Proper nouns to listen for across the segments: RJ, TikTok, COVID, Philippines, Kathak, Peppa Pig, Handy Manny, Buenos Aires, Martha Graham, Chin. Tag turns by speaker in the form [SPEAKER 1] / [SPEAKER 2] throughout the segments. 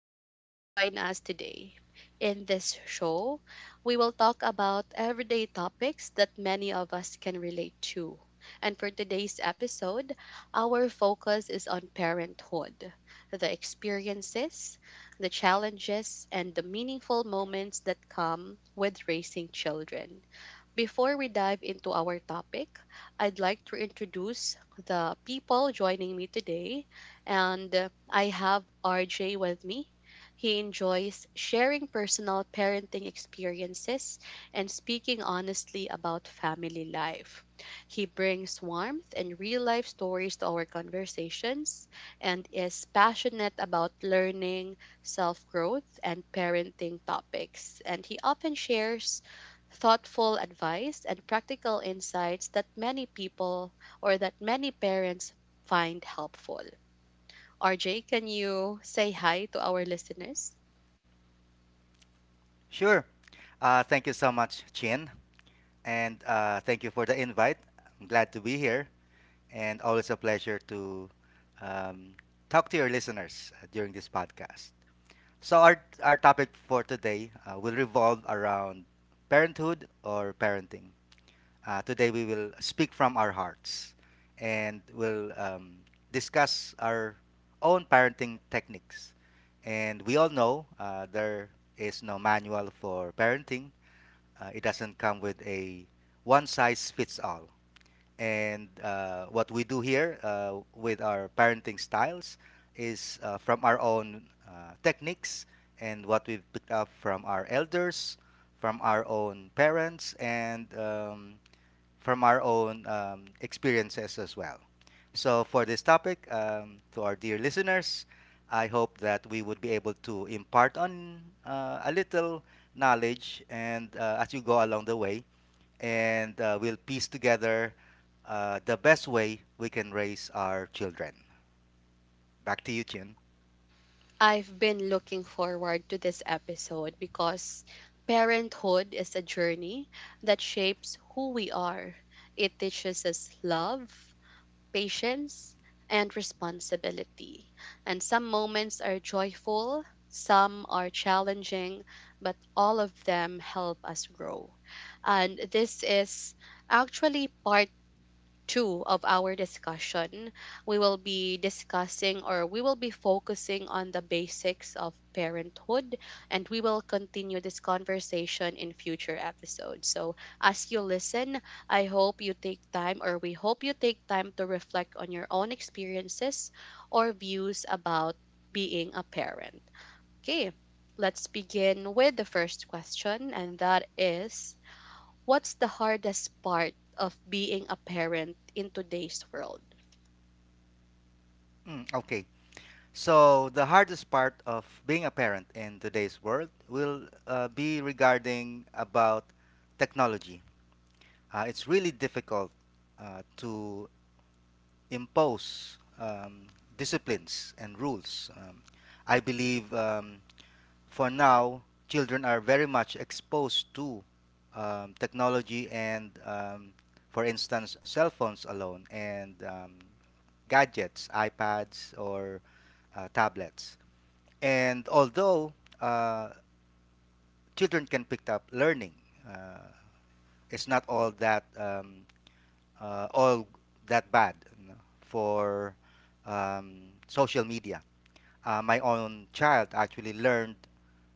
[SPEAKER 1] that you could join us today. In this show, we will talk about everyday topics that many of us can relate to. And for today's episode, our focus is on parenthood, the experiences, the challenges, and the meaningful moments that come with raising children. Before we dive into our topic, I'd like to introduce the people joining me today. And I have RJ with me. He enjoys sharing personal parenting experiences and speaking honestly about family life. He brings warmth and real life stories to our conversations and is passionate about learning, self growth, and parenting topics. And he often shares thoughtful advice and practical insights that many people or that many parents find helpful. RJ, can you say hi to our listeners?
[SPEAKER 2] Sure. Thank you so much, Chin. And thank you for the invite. I'm glad to be here. And always a pleasure to um, talk to your listeners during this podcast. So, our topic for today will revolve around parenthood or parenting. Today, we will speak from our hearts and we'll discuss our own parenting techniques. And we all know there is no manual for parenting. It doesn't come with a one size fits all. And what we do here with our parenting styles is from our own techniques and what we've picked up from our elders, from our own parents, and from our own experiences as well. So, for this topic, to our dear listeners, I hope that we would be able to impart on a little knowledge and as you go along the way, and we'll piece together the best way we can raise our children. Back to you, Chin.
[SPEAKER 1] I've been looking forward to this episode because parenthood is a journey that shapes who we are. It teaches us love, patience, and responsibility. And some moments are joyful, some are challenging, but all of them help us grow. And this is actually part two of our discussion. We will be focusing on the basics of parenthood, and we will continue this conversation in future episodes. So, as you listen, I hope you take time or we hope you take time to reflect on your own experiences or views about being a parent. Okay, let's begin with the first question, and that is, what's the hardest part of being a parent in today's world?
[SPEAKER 2] Okay. So, the hardest part of being a parent in today's world will be regarding about technology. It's really difficult to impose disciplines and rules. I believe for now, children are very much exposed to technology and, for instance, cell phones alone and gadgets, iPads or tablets. And although uh, children can pick up learning, uh, it's not all that all that bad, you know, for social media. My own child actually learned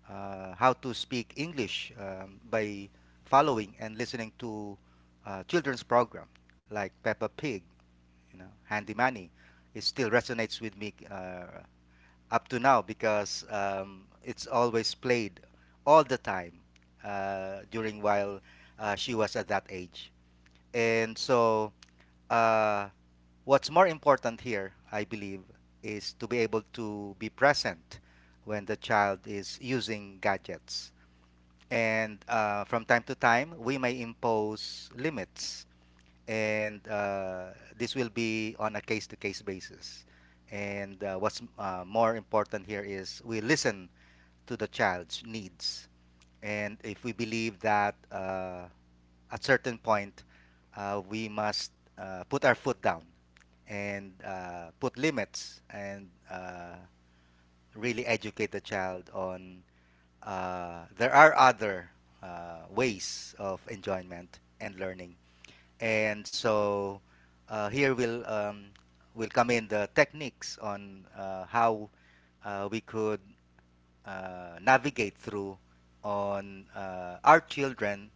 [SPEAKER 2] how to speak English by following and listening to children's program like Peppa Pig, you know, Handy Manny. It still resonates with me up to now because it's always played all the time during while she was at that age. And so uh, what's more important here, I believe, is to be able to be present when the child is using gadgets. And from time to time, we may impose limits, and this will be on a case to case basis. And what's more important here is we listen to the child's needs. And if we believe that at certain point, we must put our foot down and put limits and really educate the child on there are other ways of enjoyment and learning. And so here will come in the techniques on how we could navigate through on our children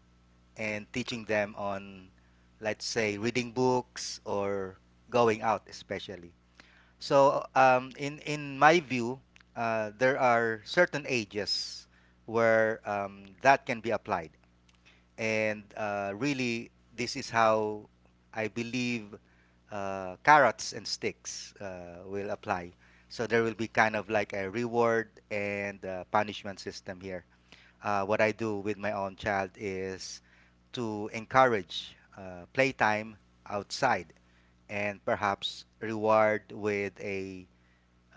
[SPEAKER 2] and teaching them on, let's say, reading books or going out, especially. So, in my view, there are certain ages where that can be applied, and really, this is how I believe carrots and sticks will apply. So there will be kind of like a reward and punishment system here. What I do with my own child is to encourage playtime outside and perhaps reward with a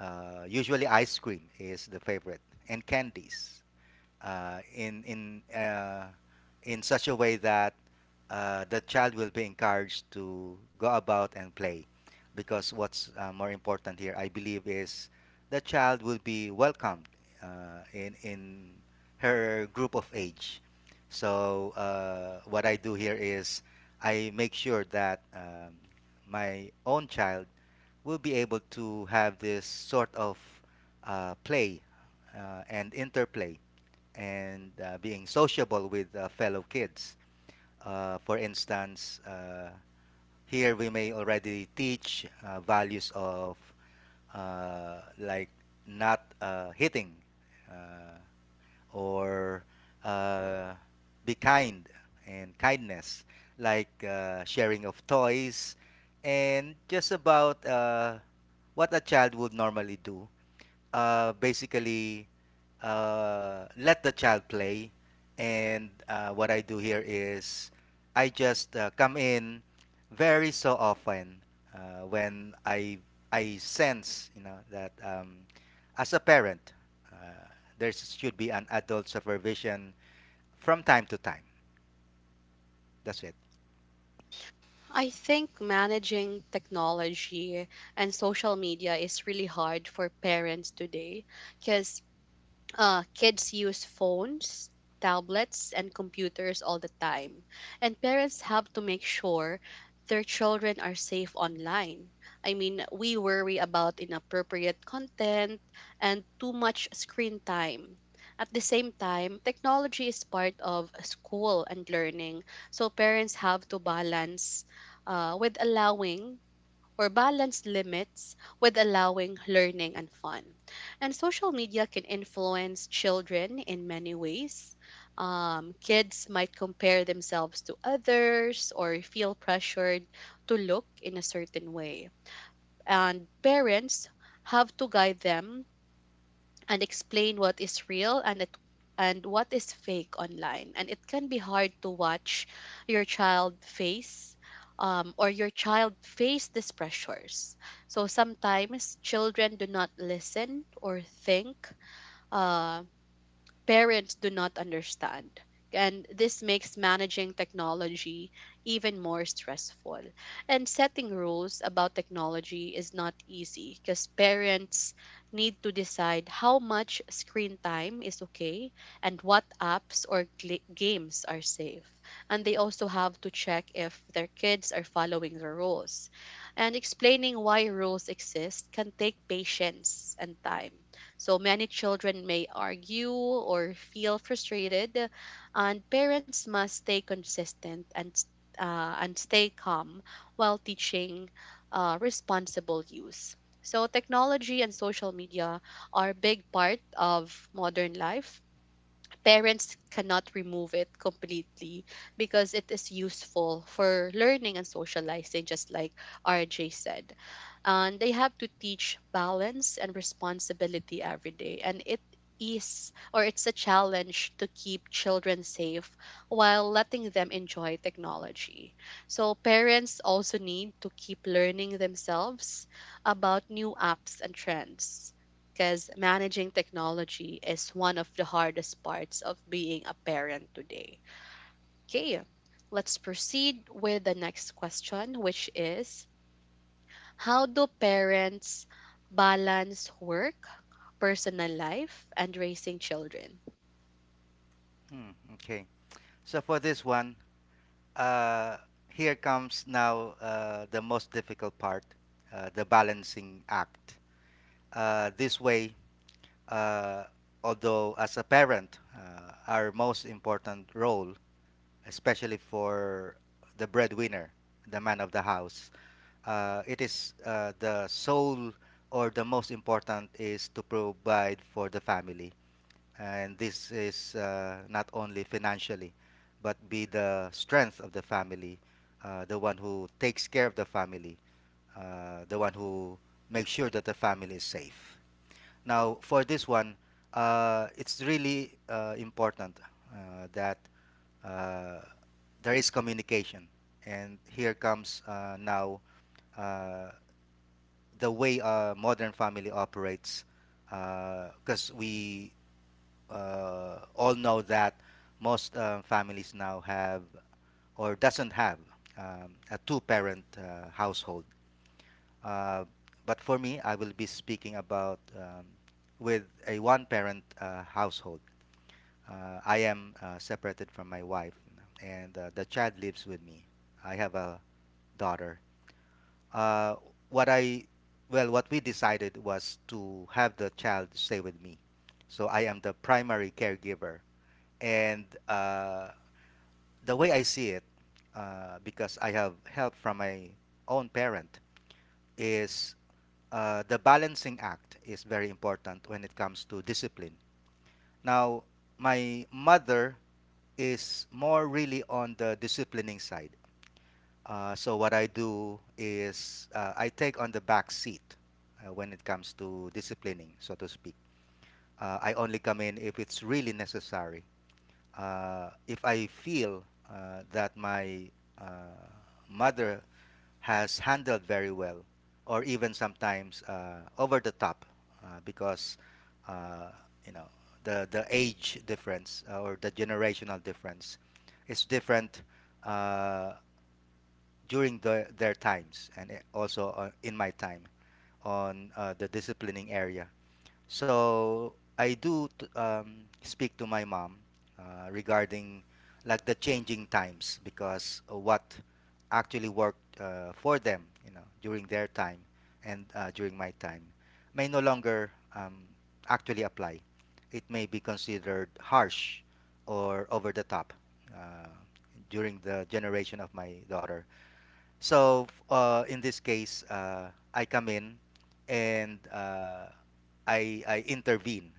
[SPEAKER 2] usually ice cream is the favorite and candies uh, in in uh, in such a way that the child will be encouraged to go about and play because what's more important here I believe is the child will be welcomed in her group of age. So what I do here is I make sure that my own child will be able to have this sort of play and interplay and being sociable with fellow kids. For instance, here we may already teach values of like not hitting uh, or uh, be kind and kindness, like sharing of toys, and just about what a child would normally do. Basically, let the child play. And what I do here is I just come in very so often when I sense, you know, that as a parent uh, there should be an adult supervision from time to time. That's it.
[SPEAKER 1] I think managing technology and social media is really hard for parents today because kids use phones, tablets, and computers all the time, and parents have to make sure their children are safe online. I mean, we worry about inappropriate content and too much screen time. At the same time, technology is part of school and learning, so parents have to uh, with allowing balance limits with allowing learning and fun. And social media can influence children in many ways. Kids might compare themselves to others or feel pressured to look in a certain way. And parents have to guide them and explain what is fake online. And it can be hard to watch your child face your child face these pressures. So sometimes children do not listen or think. Uh, Parents do not understand. And this makes managing technology even more stressful. And setting rules about technology is not easy because parents need to decide how much screen time is okay and what games are safe. And they also have to check if their kids are following the rules. And explaining why rules exist can take patience and time, so many children may argue or feel frustrated, and parents must stay consistent and stay calm while teaching responsible use. So technology and social media are a big part of modern life. Parents cannot remove it completely because it is useful for learning and socializing, just like RJ said, and they have to teach balance and responsibility every day. And it is or it's a challenge to keep children safe while letting them enjoy technology, so parents also need to keep learning themselves about new apps and trends, because managing technology is one of the hardest parts of being a parent today. Okay, let's proceed with the next question, which is, how do parents balance work, personal life, and raising children?
[SPEAKER 2] Hmm, okay. So for this one, uh, here comes now the most difficult part, the balancing act. This way, uh, although as a parent, our most important role, especially for the breadwinner, the man of the house, it is the sole or the most important is to provide for the family. And this is not only financially, but be the strength of the family, the one who takes care of the family, the one who makes sure that the family is safe. Now, for this one, it's really important that uh, there is communication. And here comes now uh, the way a modern family operates, because we all know that most families now have or doesn't have a two-parent household. Uh, but for me, I will be speaking about with a one-parent household. I am separated from my wife, and the child lives with me. I have a daughter. Uh, what I, well, what we decided was to have the child stay with me, so I am the primary caregiver. And the way I see it, because I have help from my own parent, is the balancing act is very important when it comes to discipline. Now, my mother is more really on the disciplining side. So what I do is I take on the back seat when it comes to disciplining, so to speak. I only come in if it's really necessary. If I feel that my uh, mother has handled very well, or even sometimes over the top, because uh, you know, the age difference or the generational difference is different uh, during their times and also in my time on the disciplining area. So I do speak to my mom regarding like the changing times because what actually worked for them, you know, during their time and during my time may no longer um, actually apply. It may be considered harsh or over the top uh, during the generation of my daughter. So in this case, I come in and I intervene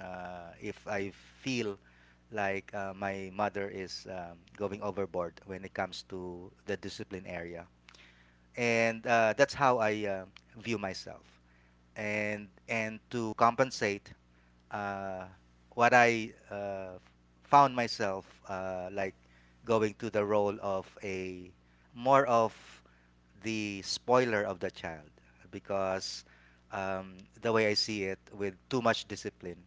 [SPEAKER 2] if I feel like my mother is going overboard when it comes to the discipline area, and that's how I view myself. And to compensate, uh, what I found myself like going to the role of a more of the spoiler of the child because um, the way I see it, with too much discipline,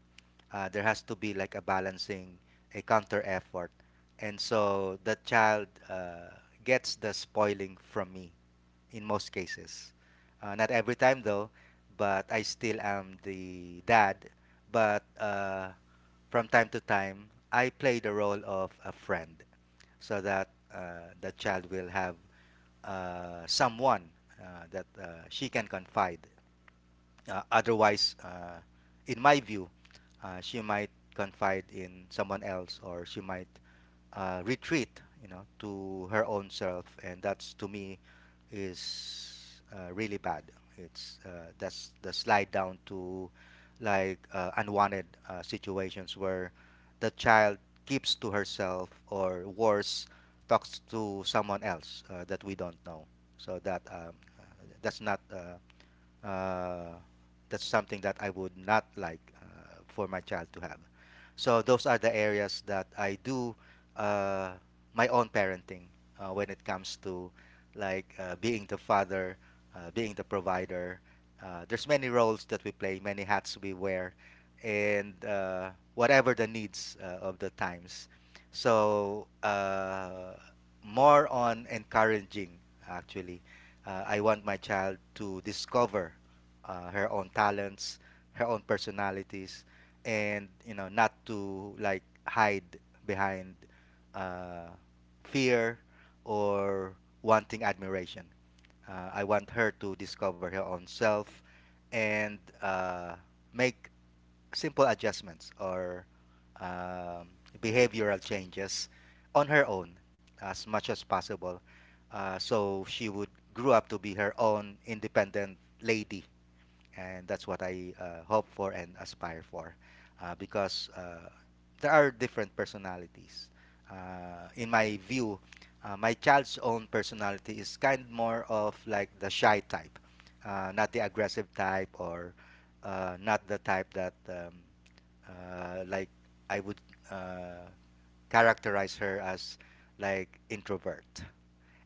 [SPEAKER 2] there has to be like a balancing, a counter effort, and so the child gets the spoiling from me in most cases. Not every time though, but I still am the dad. But from time to time, I play the role of a friend so that the child will have someone that she can confide. Otherwise, in my view, she might confide in someone else or she might retreat, you know, to her own self, and that's to me is really bad. It's That's the slide down to like unwanted situations where the child keeps to herself or worse talks to someone else that we don't know. So that that's not uh, that's something that I would not like for my child to have. So those are the areas that I do uh, my own parenting when it comes to like being the father, being the provider. There's many roles that we play, many hats we wear, and whatever the needs of the times. So more on encouraging actually. I want my child to discover her own talents, her own personalities, and you know not to like hide behind uh, fear or wanting admiration. I want her to discover her own self and make simple adjustments or um, behavioral changes on her own as much as possible. So she would grow up to be her own independent lady, and that's what I hope for and aspire for, because there are different personalities. In my view, my child's own personality is kind more of like the shy type, not the aggressive type, or not the type that like I would uh, characterize her as like introvert.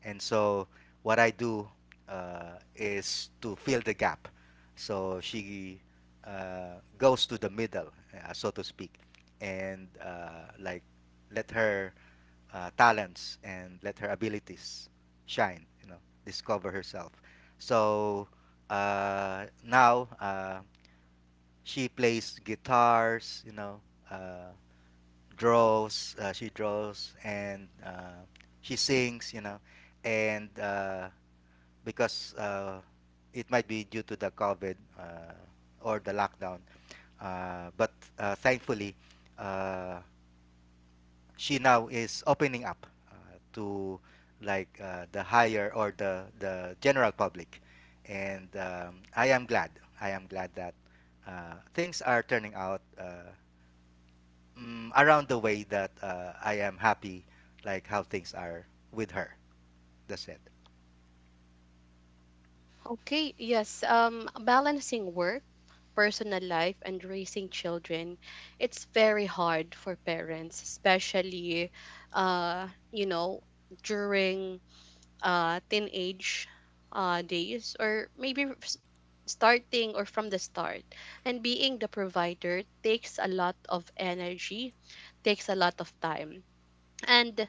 [SPEAKER 2] And so what I do is to fill the gap. So she goes to the middle, so to speak, and like let her talents and let her abilities shine. You know, discover herself. So now she plays guitars. You know, uh, draws. She draws and she sings. You know, and because it might be due to the COVID or the lockdown. But thankfully, uh, she now is opening up to the higher or the general public, and I am glad. I am glad that things are turning out around the way that I am happy, like how things are with her. That's it.
[SPEAKER 1] Okay, yes, balancing work, personal life, and raising children, it's very hard for parents, especially, uh, you know, during teenage days, or maybe starting or from the start. And being the provider takes a lot of energy, takes a lot of time. And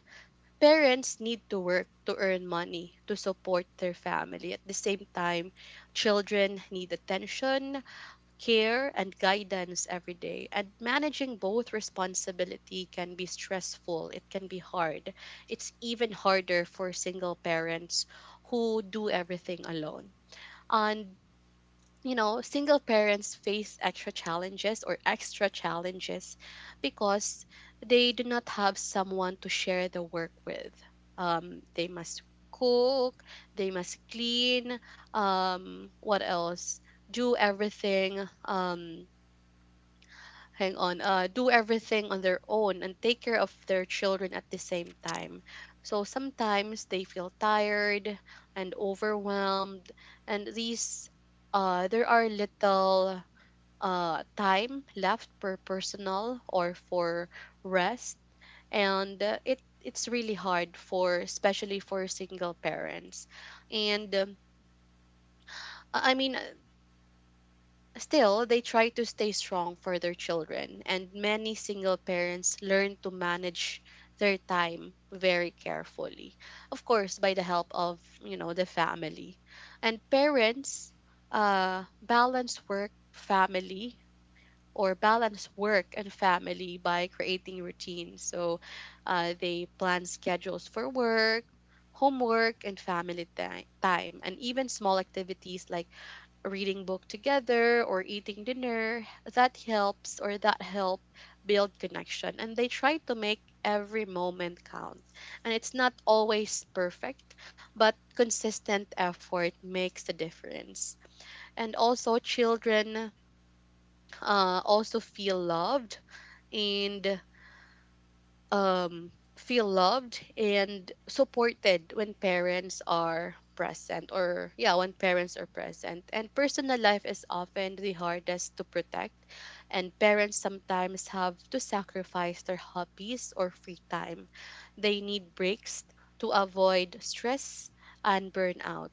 [SPEAKER 1] parents need to work to earn money to support their family. At the same time, children need attention, care, and guidance every day. And managing both responsibility can be stressful. It can be hard. It's even harder for single parents who do everything alone. And you know, single parents face extra challenges because they do not have someone to share the work with. They must cook, they must clean, what else? Do everything. Hang on, do everything on their own and take care of their children at the same time. So sometimes they feel tired and overwhelmed, and these there are little time left per personal or for rest. And it's really hard for, especially for, single parents. And I mean Still, they try to stay strong for their children, and many single parents learn to manage their time very carefully. Of course, by the help of, you know, the family. And parents uh, balance work, family, balance work and family by creating routines. So they plan schedules for work, homework, and time, and even small activities like reading book together or eating dinner that help build connection, and they try to make every moment count. And it's not always perfect, but consistent effort makes a difference. And also children also and um, feel loved and supported when parents are present, or yeah when parents are present. And personal life is often the hardest to protect, and parents sometimes have to sacrifice their hobbies or free time. They need breaks to avoid stress and burnout.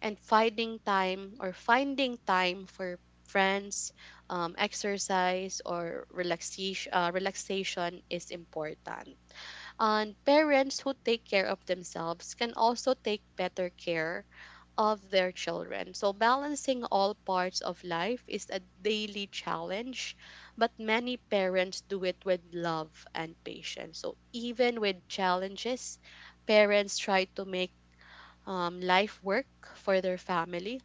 [SPEAKER 1] And finding time for friends, exercise, or relaxation is important. And parents who take care of themselves can also take better care of their children. So, balancing all parts of life is a daily challenge, but many parents do it with love and patience. So, even with challenges, parents try to make life work for their families.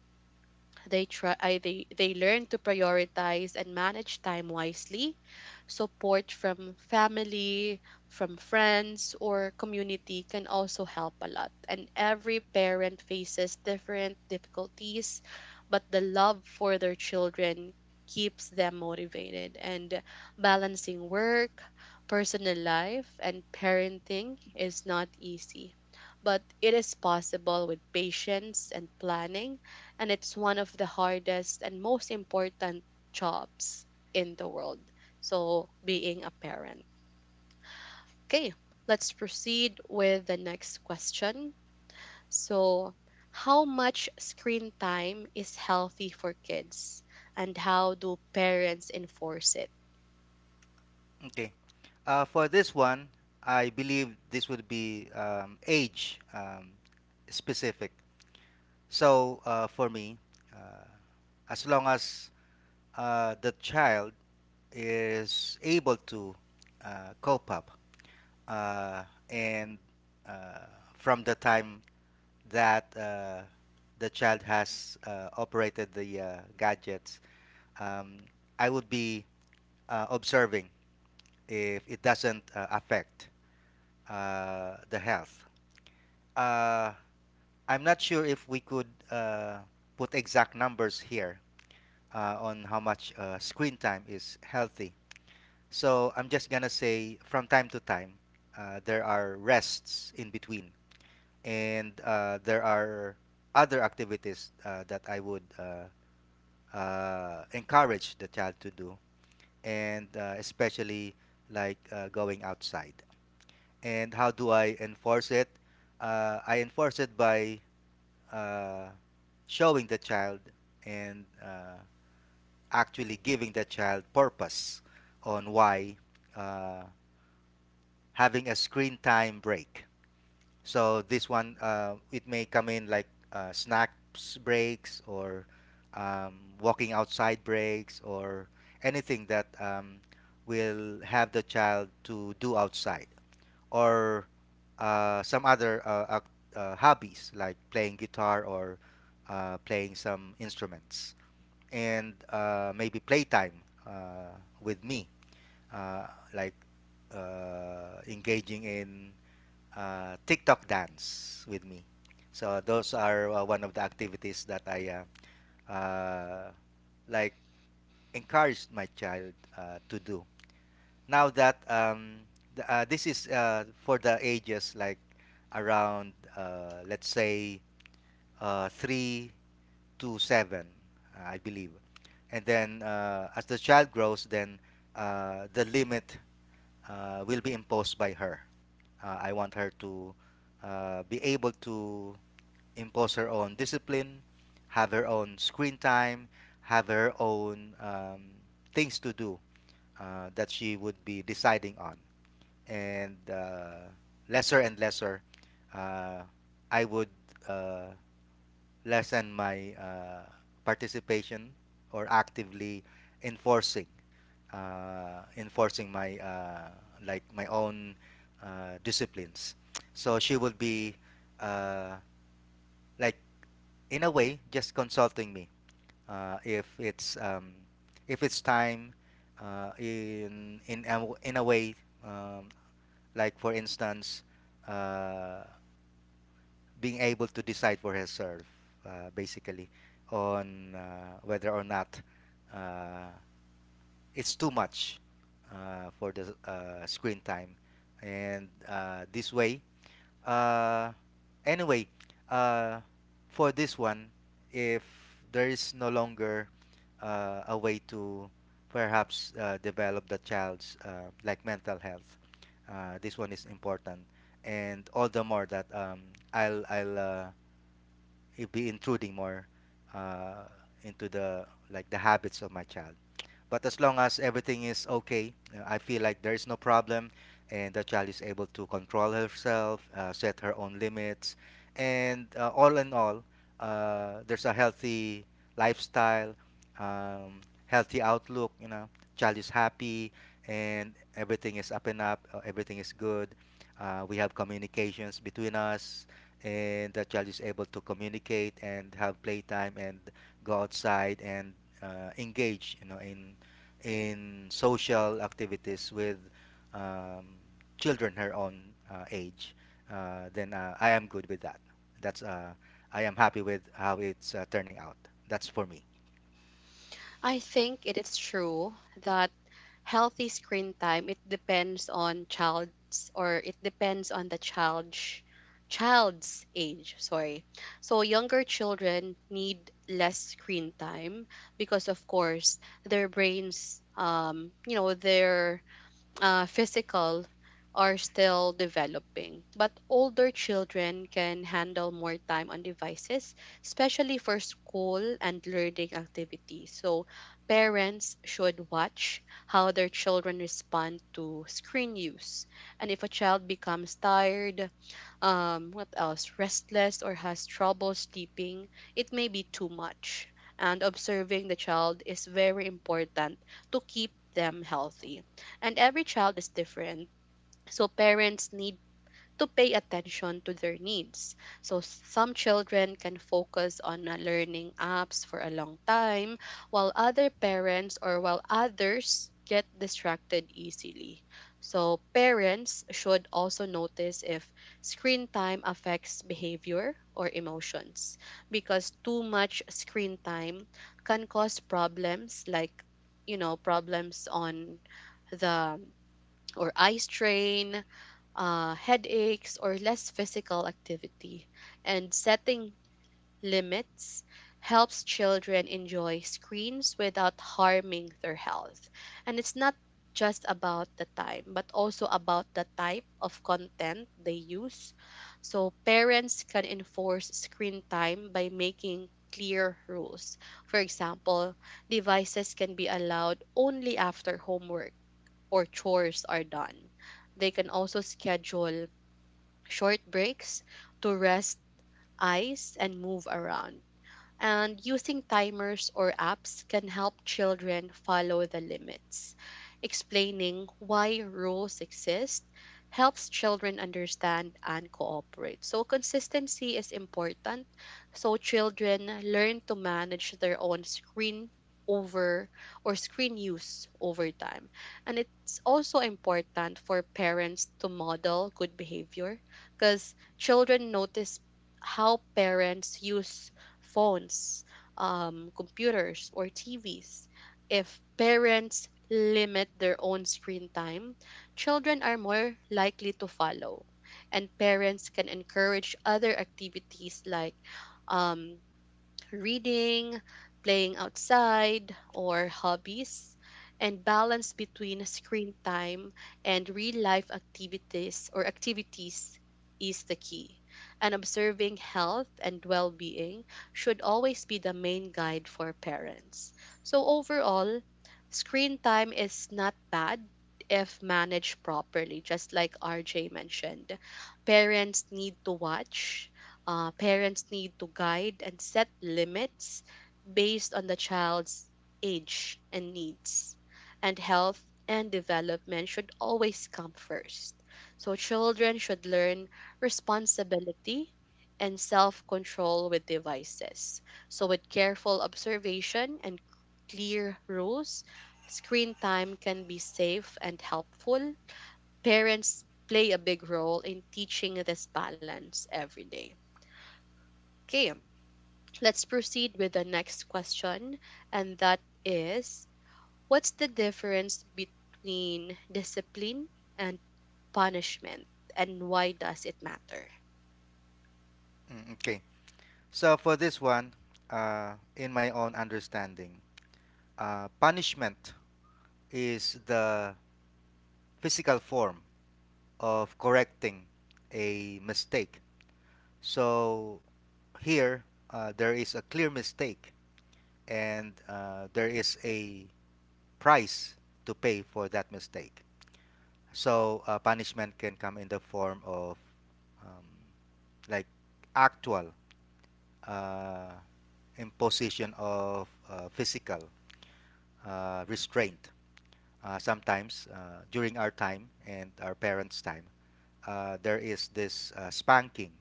[SPEAKER 1] They try I, they they learn to prioritize and manage time wisely. Support from family, from friends, or community can also help a lot. And every parent faces different difficulties, but the love for their children keeps them motivated. And balancing work, personal life, and parenting is not easy. But it is possible with patience and planning, and it's one of the hardest and most important jobs in the world. So, being a parent. Okay, let's proceed with the next question. So, how much screen time is healthy for kids, and how do parents enforce it?
[SPEAKER 2] Okay. For this one, I believe this would be age specific. So for me, uh, as long as the child is able to cope up uh, and uh, from the time that the child has operated the gadgets, um, I would be observing if it doesn't affect the health. Uh, I'm not sure if we could put exact numbers here on how much screen time is healthy. So I'm just gonna say from time to time, there are rests in between, and there are other activities that I would encourage the child to do, and especially going outside. And how do I enforce it? I enforce it by uh, showing the child and actually giving the child purpose on why uh, having a screen time break. So this one, it may come in like snacks breaks or um, walking outside breaks or anything that will have the child to do outside or some other hobbies like playing guitar or playing some instruments and maybe playtime uh, with me uh, like engaging in TikTok dance with me. So those are one of the activities that I uh, uh, like encouraged my child to do now that this is for the ages like around let's say three to seven, I believe, and then as the child grows, then the limit will be imposed by her. I want her to be able to impose her own discipline, have her own screen time, have her own things to do that she would be deciding on and lesser and lesser, uh, I would uh, lessen my participation or actively enforcing enforcing my my own disciplines. So she would be uh, like in a way just consulting me uh, if it's um, if it's time in a way um, like for instance, uh, being able to decide for herself, basically, on whether or not uh, it's too much for the screen time, and this way uh, anyway, uh, for this one, if there is no longer a way to perhaps develop the child's mental health, this one is important, and all the more that I'll it be intruding more uh, into the habits of my child. But as long as everything is okay, I feel like there is no problem, and the child is able to control herself, set her own limits, and all in all, there's a healthy lifestyle, healthy outlook. You know, child is happy, and everything is up and up. Everything is good. We have communications between us and the child is able to communicate and have playtime and go outside and engage, you know, in social activities with um, children her own age, then I am good with that. That's I am happy with how it's turning out. That's for me.
[SPEAKER 1] I think it is true that healthy screen time it depends on child's or it depends on the child's age, sorry. So younger children need less screen time because of course their brains, um, you know, their physical are still developing, but older children can handle more time on devices, especially for school and learning activities. So, parents should watch how their children respond to screen use. And if a child becomes tired, what else, restless or has trouble sleeping, it may be too much. And observing the child is very important to keep them healthy. And every child is different. So parents need to pay attention to their needs. So some children can focus on learning apps for a long time, while others get distracted easily. So parents should also notice if screen time affects behavior or emotions, because too much screen time can cause problems like, you know, problems on the or eye strain, headaches, or less physical activity. And setting limits helps children enjoy screens without harming their health. And it's not just about the time, but also about the type of content they use. So parents can enforce screen time by making clear rules. For example, devices can be allowed only after homework or chores are done. They can also schedule short breaks to rest eyes and move around, and using timers or apps can help children follow the limits. Explaining why rules exist helps children understand and cooperate. So, consistency is important. So, children learn to manage their own over screen use over time. And it's also important for parents to model good behavior, because children notice how parents use phones, computers, or TVs. If parents limit their own screen time, children are more likely to follow. And parents can encourage other activities like um, reading, playing outside, or hobbies, and balance between screen time and real life activities is the key. And observing health and well being should always be the main guide for parents. So, overall, screen time is not bad if managed properly, just like RJ mentioned. Parents need to guide and set limits based on the child's age and needs. And health and development should always come first. So, children should learn responsibility and self control with devices. So, with careful observation and clear rules, screen time can be safe and helpful. Parents play a big role in teaching this balance every day. Okay, let's proceed with the next question, and that is what's the difference between discipline and punishment, and why does it matter?
[SPEAKER 2] Mm, okay, so for this one, in my own understanding, punishment is the physical form of correcting a mistake. So here, there is a clear mistake, and there is a price to pay for that mistake. So punishment can come in the form of um, like actual uh, imposition of physical restraint. Sometimes during our time and our parents' time, there is this spanking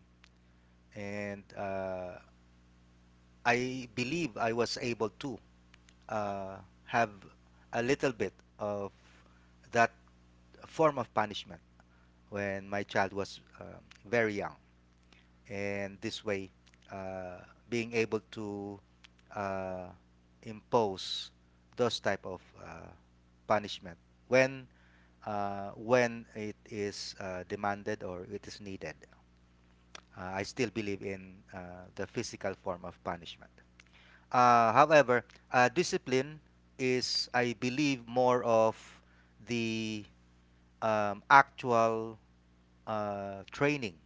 [SPEAKER 2] and I believe I was able to uh, have a little bit of that form of punishment when my child was very young. And this way, uh, being able to uh, impose those type of punishment when when it is demanded or it is needed. I still believe in the physical form of punishment. However, discipline is, I believe, more of the actual training.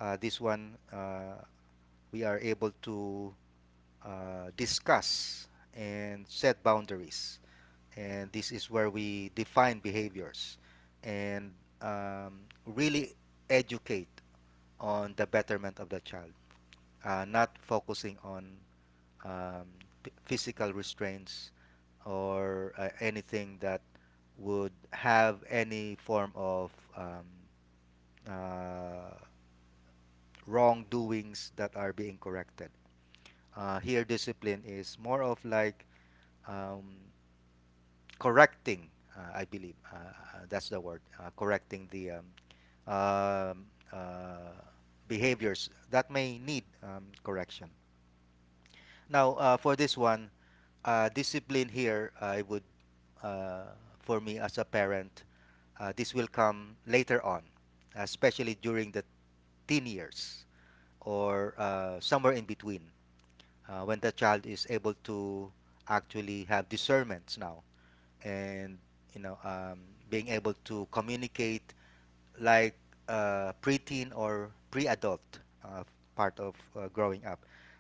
[SPEAKER 2] This one we are able to discuss and set boundaries. And this is where we define behaviors and um, really educate on the betterment of the child, not focusing on um, p- physical restraints or anything that would have any form of uh, wrongdoings that are being corrected. Here, discipline is more of like um, correcting, I believe. That's the word, correcting the um, uh, behaviors that may need correction. Now, for this one, discipline here, I would, uh, for me as a parent, this will come later on, especially during the teen years or somewhere in between, when the child is able to actually have discernments now and, you know, being able to communicate like preteen or pre-adult uh, part of growing up,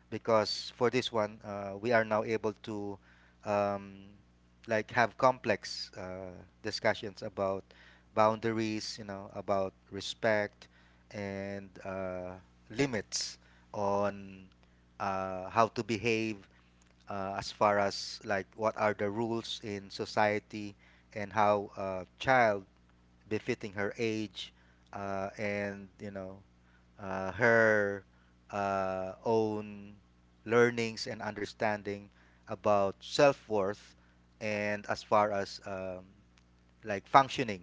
[SPEAKER 2] because for this one, we are now able to um, have complex discussions about boundaries, you know, about respect and limits on how to behave as far as like what are the rules in society and how a child befitting her age and, you know, her own learnings and understanding about self-worth and as far as functioning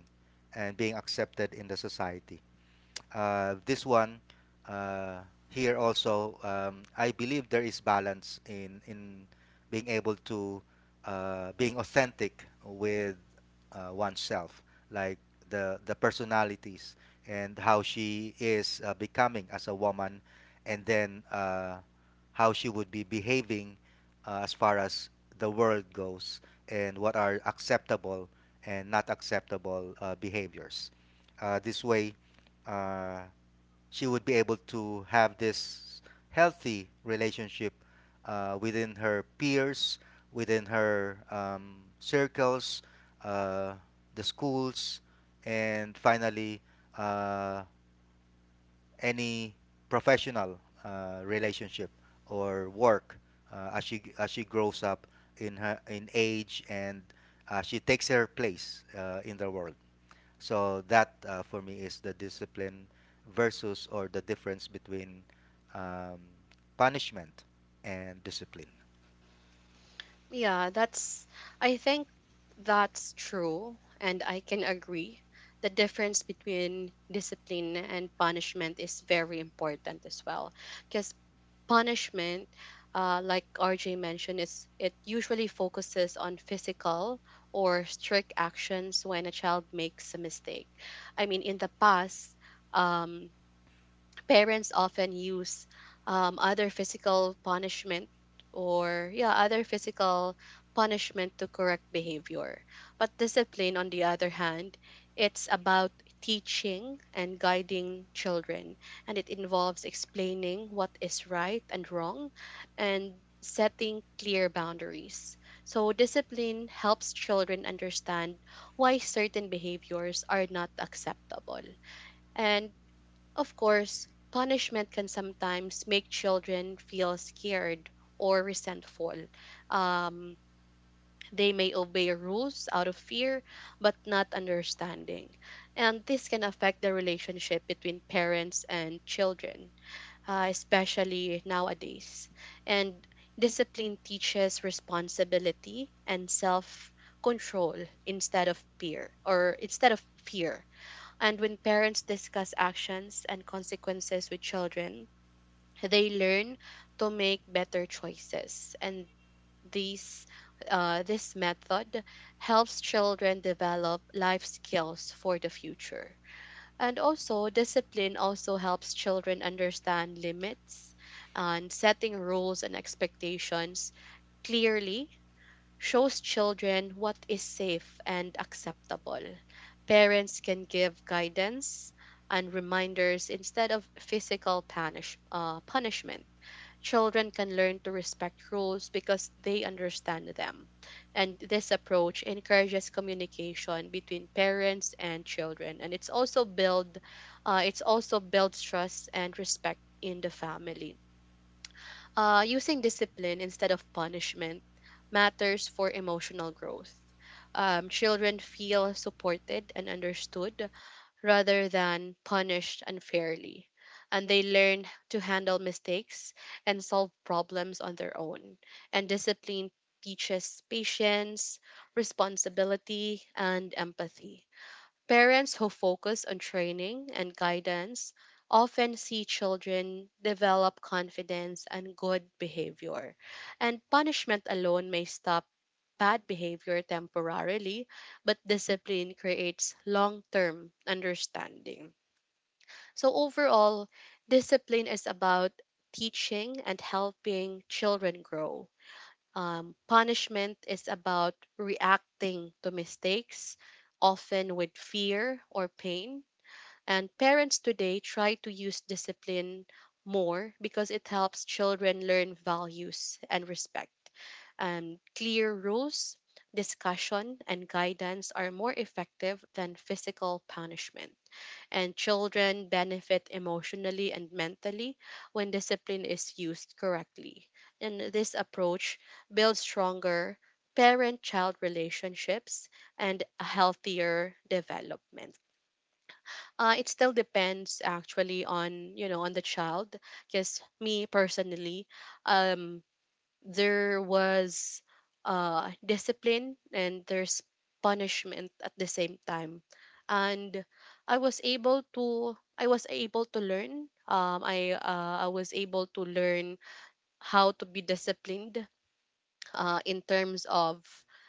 [SPEAKER 2] and being accepted in the society, this one, uh, here also, I believe there is balance in being able to being authentic with oneself, like the personalities and how she is becoming as a woman, and then how she would be behaving as far as the world goes and what are acceptable and not acceptable behaviors. This way uh, she would be able to have this healthy relationship within her peers, within her circles, uh, the schools, and finally uh, any professional relationship or work as she grows up in her in age and she takes her place in the world. So that, for me, is the discipline versus or the difference between um, punishment and discipline.
[SPEAKER 1] Yeah, I think that's true. And I can agree. The difference between discipline and punishment is very important as well. Because punishment, like RJ mentioned, is it usually focuses on physical or strict actions when a child makes a mistake. I mean, in the past, um, parents often use other physical punishment or yeah other physical punishment to correct behavior. But discipline, on the other hand, it's about teaching and guiding children, and it involves explaining what is right and wrong and setting clear boundaries. So discipline helps children understand why certain behaviors are not acceptable. And of course, punishment can sometimes make children feel scared or resentful. Um, they may obey rules out of fear, but not understanding. And this can affect the relationship between parents and children, especially nowadays. And discipline teaches responsibility and self control instead of fear. And when parents discuss actions and consequences with children, they learn to make better choices. And these, this method helps children develop life skills for the future. And also, discipline also helps children understand limits, and setting rules and expectations clearly shows children what is safe and acceptable. Parents can give guidance and reminders instead of physical punishment. Children can learn to respect rules because they understand them. And this approach encourages communication between parents and children. And it's also builds trust and respect in the family. Uh, using discipline instead of punishment matters for emotional growth. Children feel supported and understood rather than punished unfairly. And they learn to handle mistakes and solve problems on their own. And discipline teaches patience, responsibility, and empathy. Parents who focus on training and guidance often see children develop confidence and good behavior. And punishment alone may stop bad behavior temporarily, but discipline creates long term understanding. So, overall, discipline is about teaching and helping children grow. Punishment is about reacting to mistakes, often with fear or pain. And parents today try to use discipline more because it helps children learn values and respect. And clear rules, discussion, and guidance are more effective than physical punishment. And children benefit emotionally and mentally when discipline is used correctly. And this approach builds stronger parent child relationships and a healthier development. It still depends actually on, you know, on the child. Because me personally, um, there was discipline and there's punishment at the same time. And I was able to learn, um, I was able to learn how to be disciplined in terms of,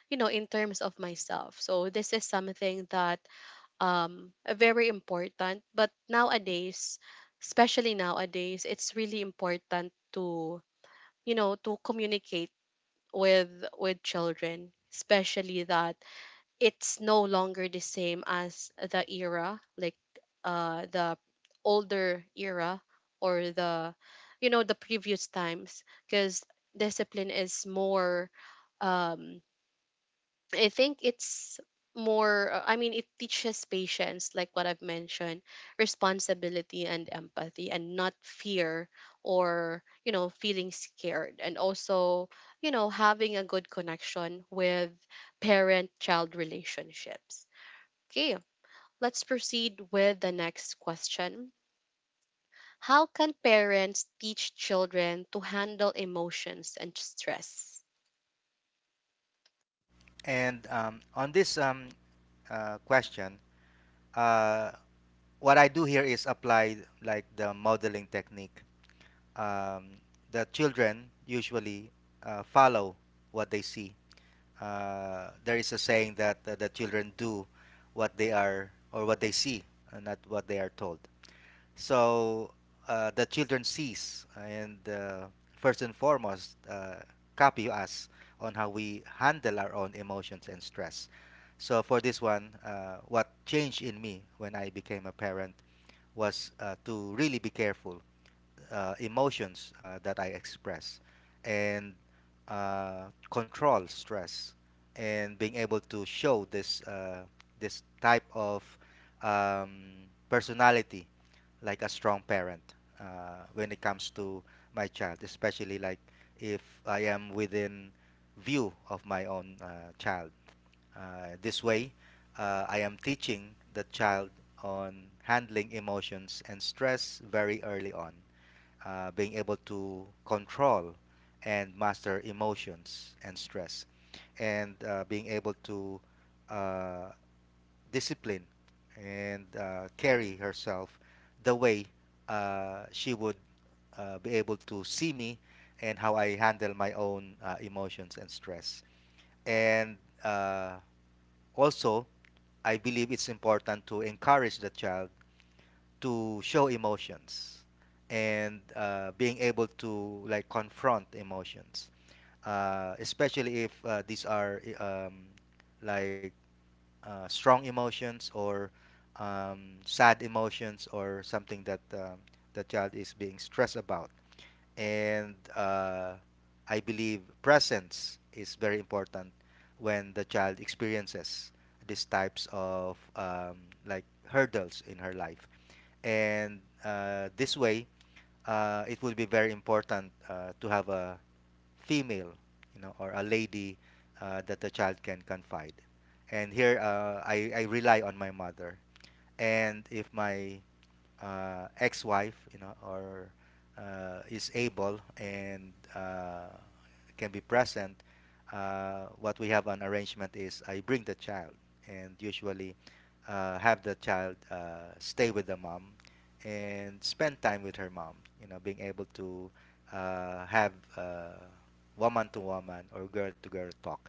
[SPEAKER 1] you know, in terms of myself. So this is something that, um, very important. But nowadays, especially nowadays, it's really important to, you know, to communicate with children, especially that it's no longer the same as the era, like the older era, or the, you know, the previous times, because discipline is more, um, I think it's more. I mean, it teaches patience, like what I've mentioned, responsibility and empathy, and not fear or, you know, feeling scared. And also, you know, having a good connection with parent child relationships. Okay, let's proceed with the next question. How can parents teach children to handle emotions and stress?
[SPEAKER 2] And On this question, uh, what I do here is apply like the modeling technique. Um, the children usually follow what they see. There is a saying that the children do what they are or what they see, and not what they are told. So the children sees and first and foremost copy us on how we handle our own emotions and stress. So for this one, what changed in me when I became a parent was to really be careful emotions that I express and control stress and being able to show this type of um, personality like a strong parent when it comes to my child, especially like if I am within view of my own child. This way, I am teaching the child on handling emotions and stress very early on, being able to control and master emotions and stress, and being able to uh, discipline and carry herself the way she would be able to see me and how I handle my own emotions and stress. And uh, also, I believe it's important to encourage the child to show emotions and being able to like confront emotions, especially if these are like strong emotions or sad emotions or something that the child is being stressed about. And I believe presence is very important when the child experiences these types of hurdles in her life. And This way, it will be very important to have a female, you know, or a lady that the child can confide. And here, I rely on my mother. And if my ex-wife, you know, or is able and can be present, what we have an arrangement is I bring the child and usually have the child stay with the mom and spend time with her mom. You know, being able to have woman to woman or girl to girl talk,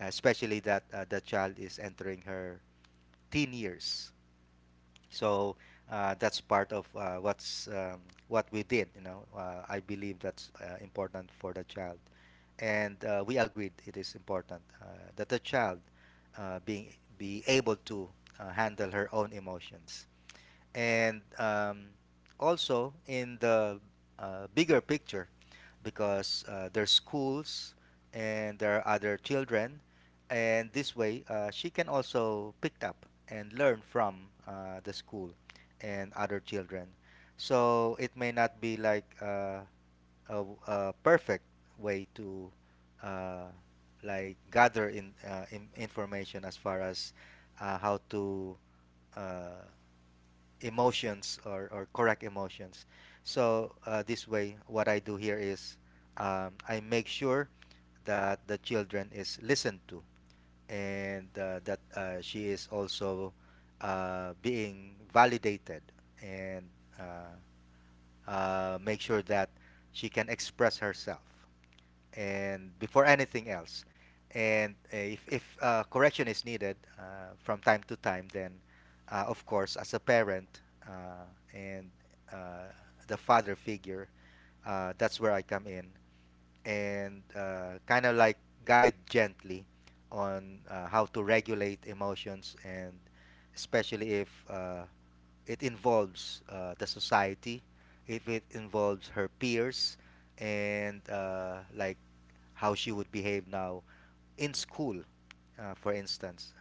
[SPEAKER 2] especially that the child is entering her teen years, so that's part of what's what we did. You know, I believe that's important for the child, and we agreed it is important that the child being be able to handle her own emotions, and also in the bigger picture, because there's schools and there are other children, and this way she can also pick up and learn from the school and other children. So it may not be like a perfect way to uh, like gather in information as far as how to uh, emotions or correct emotions. So this way, what I do here is I make sure that the children is listened to and that she is also being validated and uh, make sure that she can express herself and before anything else. And if correction is needed from time to time, then of course, as a parent uh, and uh, the father figure, that's where I come in and kind of like guide gently on how to regulate emotions, and especially if it involves the society, if it involves her peers, and like how she would behave now in school, for instance.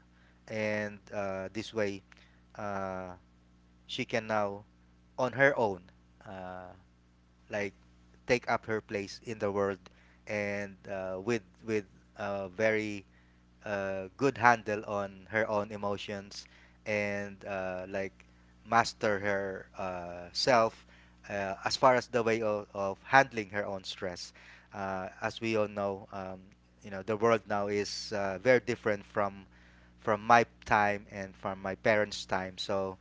[SPEAKER 2] And this way, uh, she can now, on her own, uh, like take up her place in the world and with very a good handle on her own emotions and like master her self as far as the way of handling her own stress. As we all know, you know the world now is very different from my time and from my parents' time. So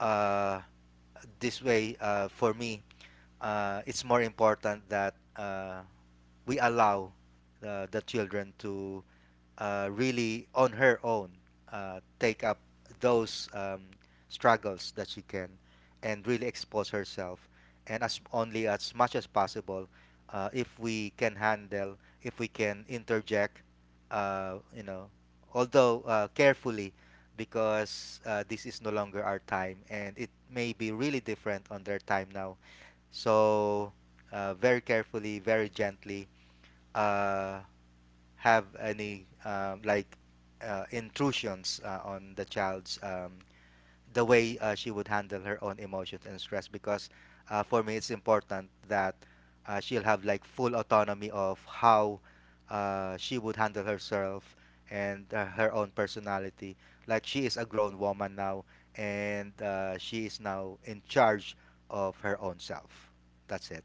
[SPEAKER 2] uh, this way, for me, it's more important that we allow the children to really on her own take up those struggles that she can and really expose herself and as only as much as possible if we can handle if we can interject you know although carefully, because this is no longer our time and it may be really different on their time now, so very carefully, very gently uh, have any like intrusions on the child's the way she would handle her own emotions and stress, because for me it's important that she'll have like full autonomy of how she would handle herself and her own personality, like she is a grown woman now and she is now in charge of her own self. That's it.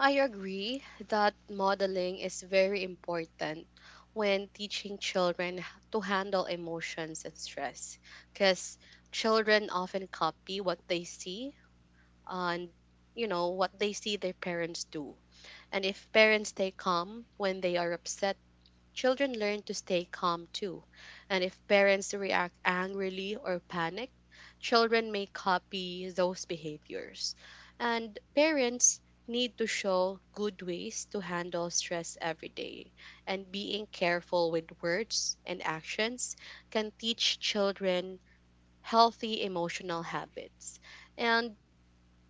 [SPEAKER 1] I agree that modeling is very important when teaching children to handle emotions and stress, because children often copy what they see and, you know, what they see their parents do. And if parents stay calm when they are upset, children learn to stay calm too. And if parents react angrily or panic, children may copy those behaviors. And parents need to show good ways to handle stress every day, and being careful with words and actions can teach children healthy emotional habits. And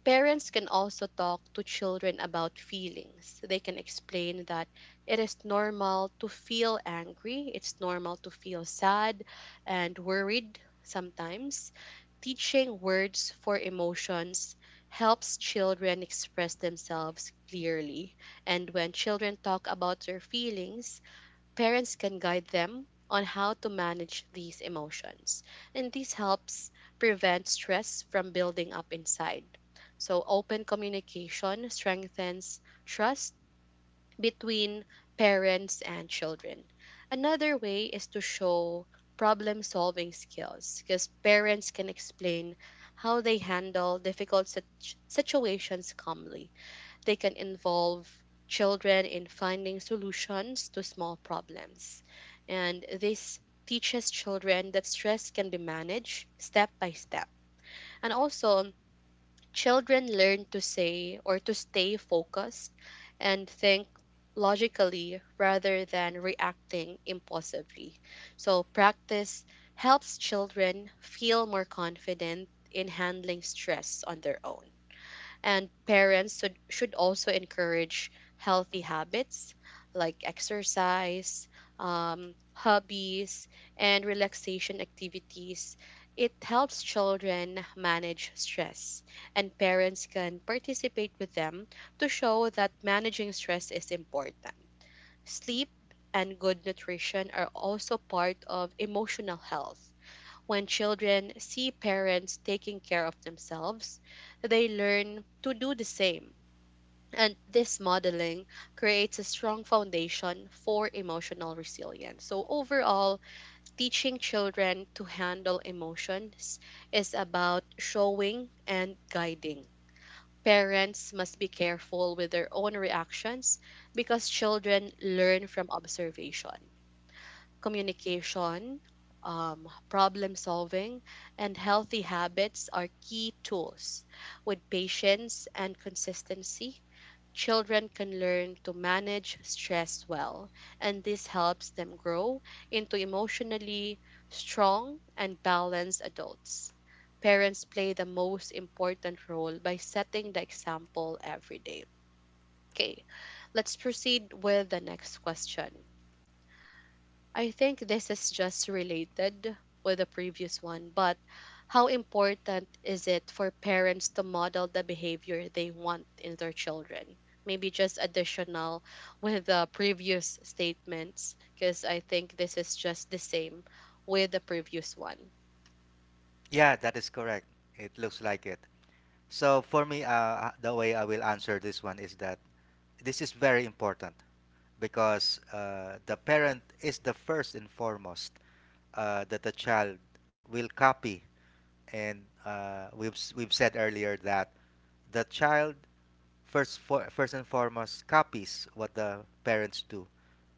[SPEAKER 1] parents can also talk to children about feelings. They can explain that it is normal to feel angry, it's normal to feel sad and worried sometimes. Teaching words for emotions helps children express themselves clearly. And when children talk about their feelings, parents can guide them on how to manage these emotions, and this helps prevent stress from building up inside. So, open communication strengthens trust between parents and children. Another way is to show problem solving skills, because parents can explain how they handle difficult situations calmly. They can involve children in finding solutions to small problems. And this teaches children that stress can be managed step by step. And also, children learn to say or to stay focused and think logically rather than reacting impulsively. So, practice helps children feel more confident in handling stress on their own. And parents should also encourage healthy habits like exercise, hobbies, and relaxation activities. It helps children manage stress, and parents can participate with them to show that managing stress is important. Sleep and good nutrition are also part of emotional health. When children see parents taking care of themselves, they learn to do the same. And this modeling creates a strong foundation for emotional resilience. So, overall, teaching children to handle emotions is about showing and guiding. Parents must be careful with their own reactions because children learn from observation, communication, problem solving, and healthy habits are key tools. With patience and consistency, children can learn to manage stress well, and this helps them grow into emotionally strong and balanced adults. Parents play the most important role by setting the example every day. Okay, let's proceed with the next question. I think this is just related with the previous one, but how important is it for parents to model the behavior they want in their children? Maybe just additional with the previous statements, because I think this is just the same with the previous one.
[SPEAKER 2] Yeah, that is correct. It looks like it. So for me, the way I will answer this one is that this is very important because the parent is the first and foremost that the child will copy, and we've said earlier that the child first and foremost copies what the parents do,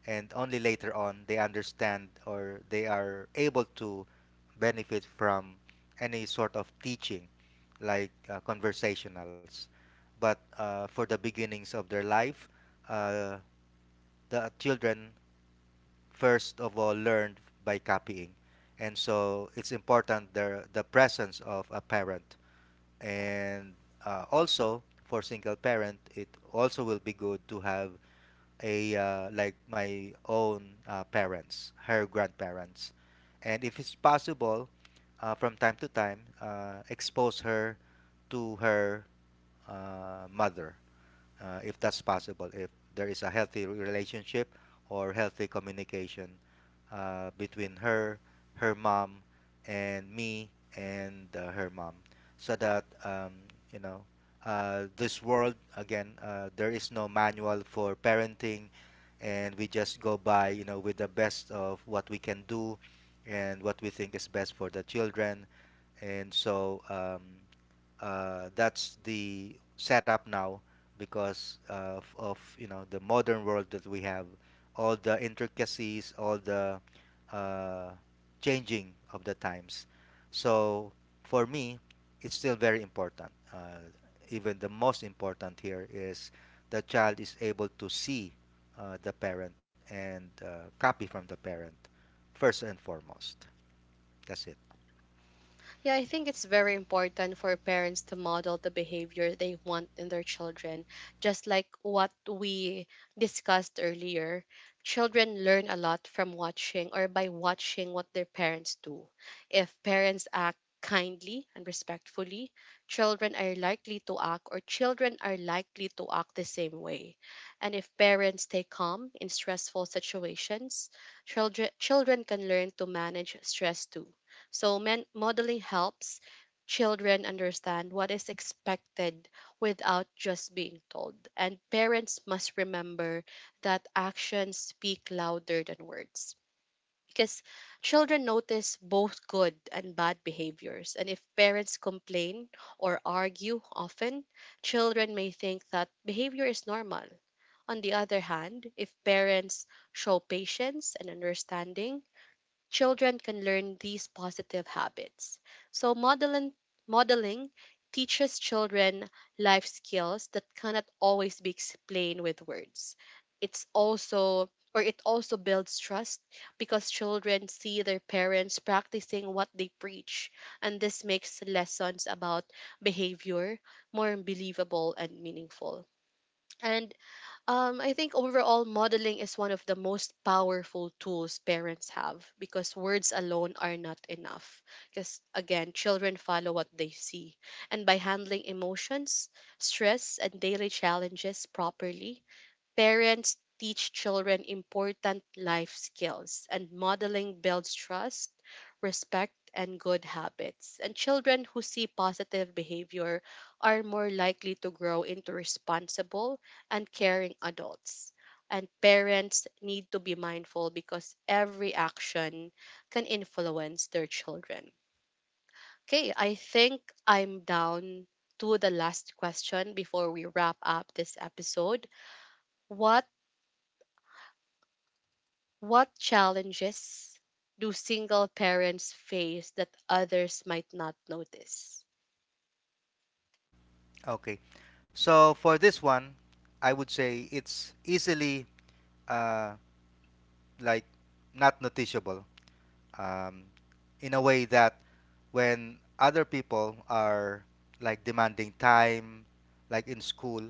[SPEAKER 2] and only later on they understand, or they are able to benefit from any sort of teaching like conversationals. But for the beginnings of their life, uh, the children first of all learned by copying, and so it's important the presence of a parent. And also for single parent, it also will be good to have a like my own parents, her grandparents, and if it's possible, from time to time, expose her to her mother if that's possible, if there is a healthy relationship or healthy communication between her, her mom, and me and her mom, so that you know this world again there is no manual for parenting, and we just go by you know with the best of what we can do and what we think is best for the children, and so. That's the setup now because of you know the modern world that we have, all the intricacies, all the uh, changing of the times. So for me, it's still very important. Even the most important here is the child is able to see the parent and copy from the parent first and foremost. That's it.
[SPEAKER 1] Yeah, I think it's very important for parents to model the behavior they want in their children, just like what we discussed earlier. Children learn a lot from watching or by watching what their parents do. If parents act kindly and respectfully, children are likely to act the same way. And if parents stay calm in stressful situations, children can learn to manage stress too. So, modeling helps children understand what is expected without just being told. And parents must remember that actions speak louder than words, because children notice both good and bad behaviors. And if parents complain or argue often, children may think that behavior is normal. On the other hand, if parents show patience and understanding, children can learn these positive habits. So modeling teaches children life skills that cannot always be explained with words. It also builds trust because children see their parents practicing what they preach, and this makes lessons about behavior more believable and meaningful. And, I think overall modeling is one of the most powerful tools parents have, because words alone are not enough. Because again, children follow what they see. And by handling emotions, stress, and daily challenges properly, parents teach children important life skills, and modeling builds trust, respect, and good habits. And children who see positive behavior are more likely to grow into responsible and caring adults. And parents need to be mindful because every action can influence their children. Okay, I think I'm down to the last question before we wrap up this episode. What What challenges do single parents face that others might not notice?
[SPEAKER 2] Okay. So for this one, I would say it's easily uh, like not noticeable, um, in a way that when other people are like demanding time, like in school,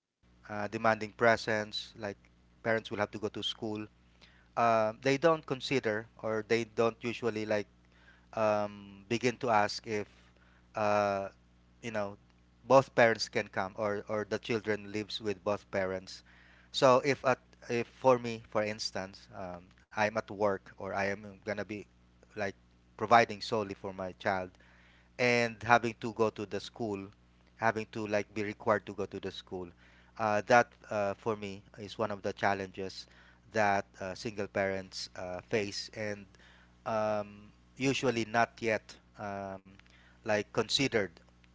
[SPEAKER 2] demanding presence, like parents will have to go to school, they don't consider or they don't usually like begin to ask if uh, you know both parents can come or the children lives with both parents. So if at if for me, for instance, I'm at work or I am gonna be like providing solely for my child, and having to go to the school, having to like be required to go to the school. That for me is one of the challenges that single parents face, and um, usually not yet um, like considered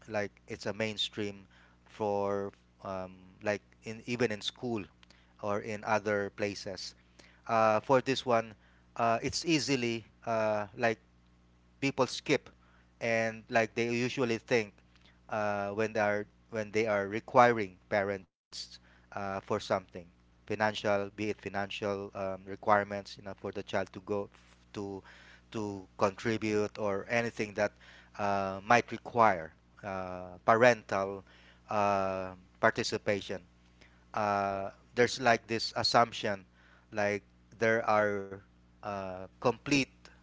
[SPEAKER 2] like it's a mainstream for um, like in even in school or in other places. For this one, it's easily like people skip, and like they usually think when they are requiring parents for something financial, be it financial requirements, you know, for the child to go to contribute or anything that might require parental uh, participation, there's like this assumption like there are complete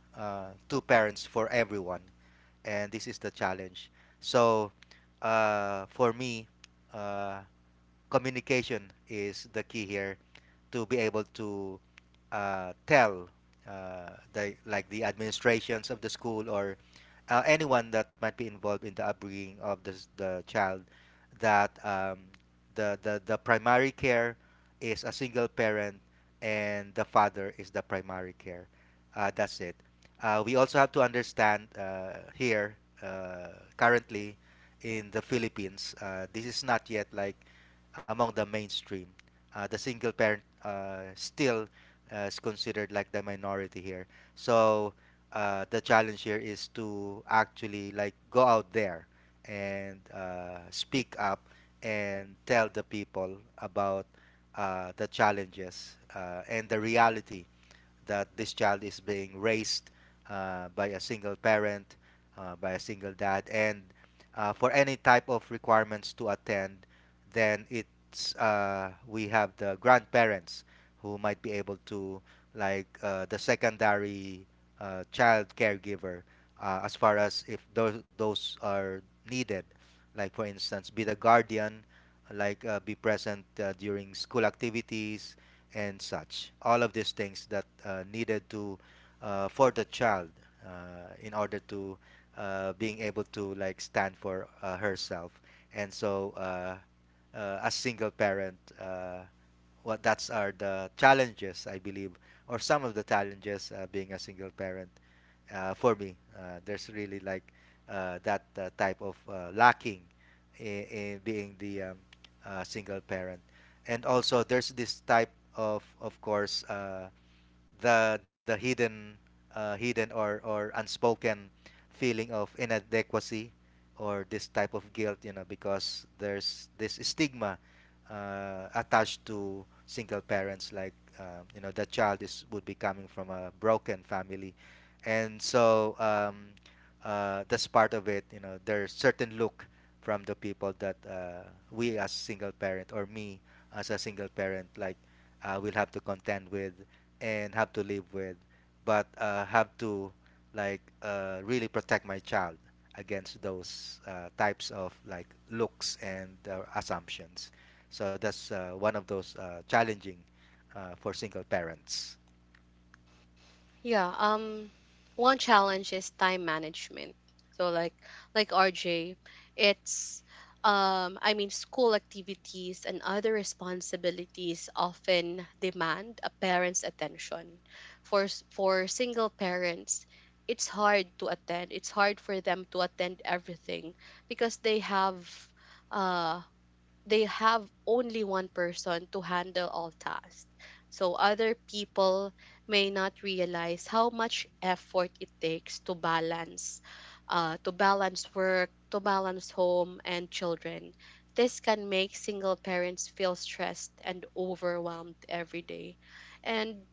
[SPEAKER 2] two parents for everyone, and this is the challenge. So for me uh, communication is the key here, to be able to tell the like the administrations of the school or anyone that might be involved in the upbringing of this, the child, that the primary care is a single parent, and the father is the primary care. That's it. We also have to understand here uh, currently in the Philippines, this is not yet like among the mainstream. The single parent still is considered like the minority here. So the challenge here is to actually like go out there and speak up and tell the people about the challenges and the reality that this child is being raised by a single parent, by a single dad, and for any type of requirements to attend, then it's we have the grandparents who might be able to like the secondary child caregiver as far as if those are needed, like for instance be the guardian, like be present during school activities and such. All of these things that needed to for the child in order to being able to like stand for herself. And so, as single parent, what that's are the challenges I believe, or some of the challenges being a single parent for me. There's really like that type of lacking in being the single parent. And also there's this type of course, the hidden or unspoken feeling of inadequacy, or this type of guilt, you know, because there's this stigma attached to single parents, like you know the child is would be coming from a broken family. And so that's part of it, you know, there's certain look from the people that we as single parent or me as a single parent, like will have to contend with and have to live with, but have to like really protect my child against those types of like looks and assumptions. So that's one of those challenging for single parents.
[SPEAKER 1] Yeah, one challenge is time management. So like RJ, it's, um, I mean school activities and other responsibilities often demand a parent's attention. For for single parents, it's hard to attend. It's hard for them to attend everything because uh they have only one person to handle all tasks. So other people may not realize how much effort it takes to balance work, to balance home and children. This can make single parents feel stressed and overwhelmed every day. And,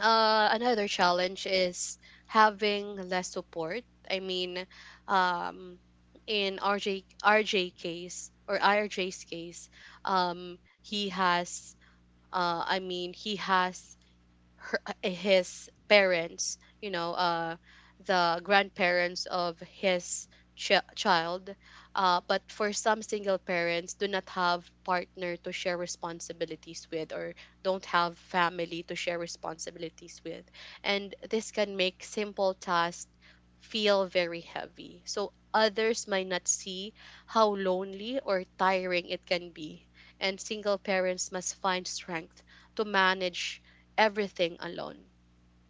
[SPEAKER 1] another challenge is having less support. I mean, um, in RJ case or IRJ's case, he has. I mean, he has his parents, you know, the grandparents of his child. But for some single parents, do not have partner to share responsibilities with, or don't have family to share responsibilities with, and this can make simple tasks feel very heavy. So others might not see how lonely or tiring it can be. And single parents must find strength to manage everything alone.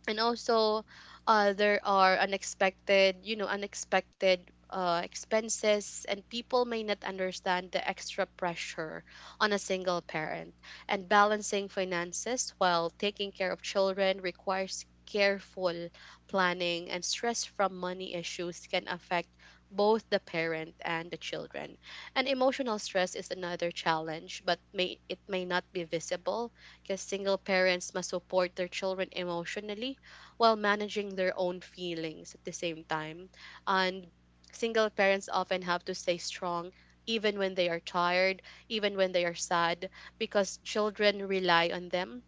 [SPEAKER 1] And also, there are unexpected, you know, unexpected expenses, and people may not understand the extra pressure on a single parent. And balancing finances while taking care of children requires careful planning, and stress from money issues can affect both the parent and the children. And emotional stress is another challenge, but may it may not be visible, because single parents must support their children emotionally while managing their own feelings at the same time. And single parents often have to stay strong even when they are tired, even when they are sad, because children rely on them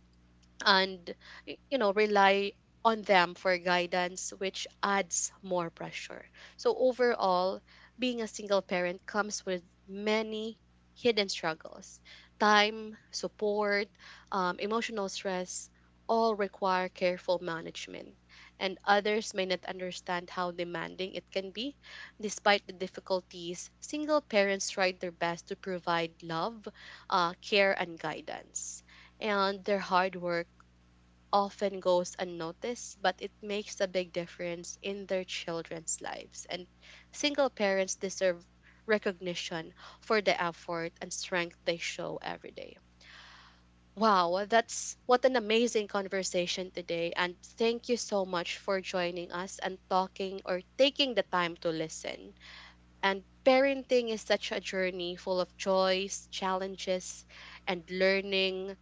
[SPEAKER 1] and, you know, rely on them for guidance, which adds more pressure. So overall, being a single parent comes with many hidden struggles. Time, support, emotional stress, all require careful management, and others may not understand how demanding it can be. Despite the difficulties, single parents try their best to provide love, care, and guidance, and their hard work often goes unnoticed, but it makes a big difference in their children's lives. And single parents deserve recognition for the effort and strength they show every day. Wow, that's what an amazing conversation today. And thank you so much for joining us and talking or taking the time to listen. And parenting is such a journey full of joys, challenges, and learning.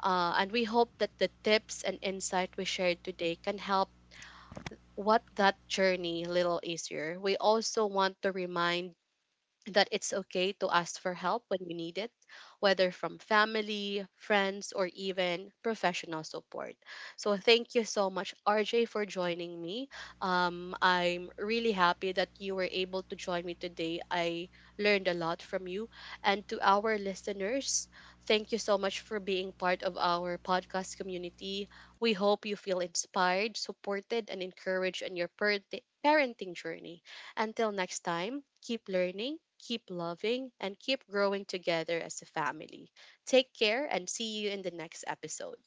[SPEAKER 1] And we hope that the tips and insight we shared today can help what that journey a little easier. We also want to remind that it's okay to ask for help when you need it, whether from family, friends, or even professional support. So, thank you so much, RJ, for joining me. I'm really happy that you were able to join me today. I learned a lot from you. And to our listeners, thank you so much for being part of our podcast community. We hope you feel inspired, supported, and encouraged in your parenting journey. Until next time, keep learning, keep loving, and keep growing together as a family. Take care and see you in the next episode.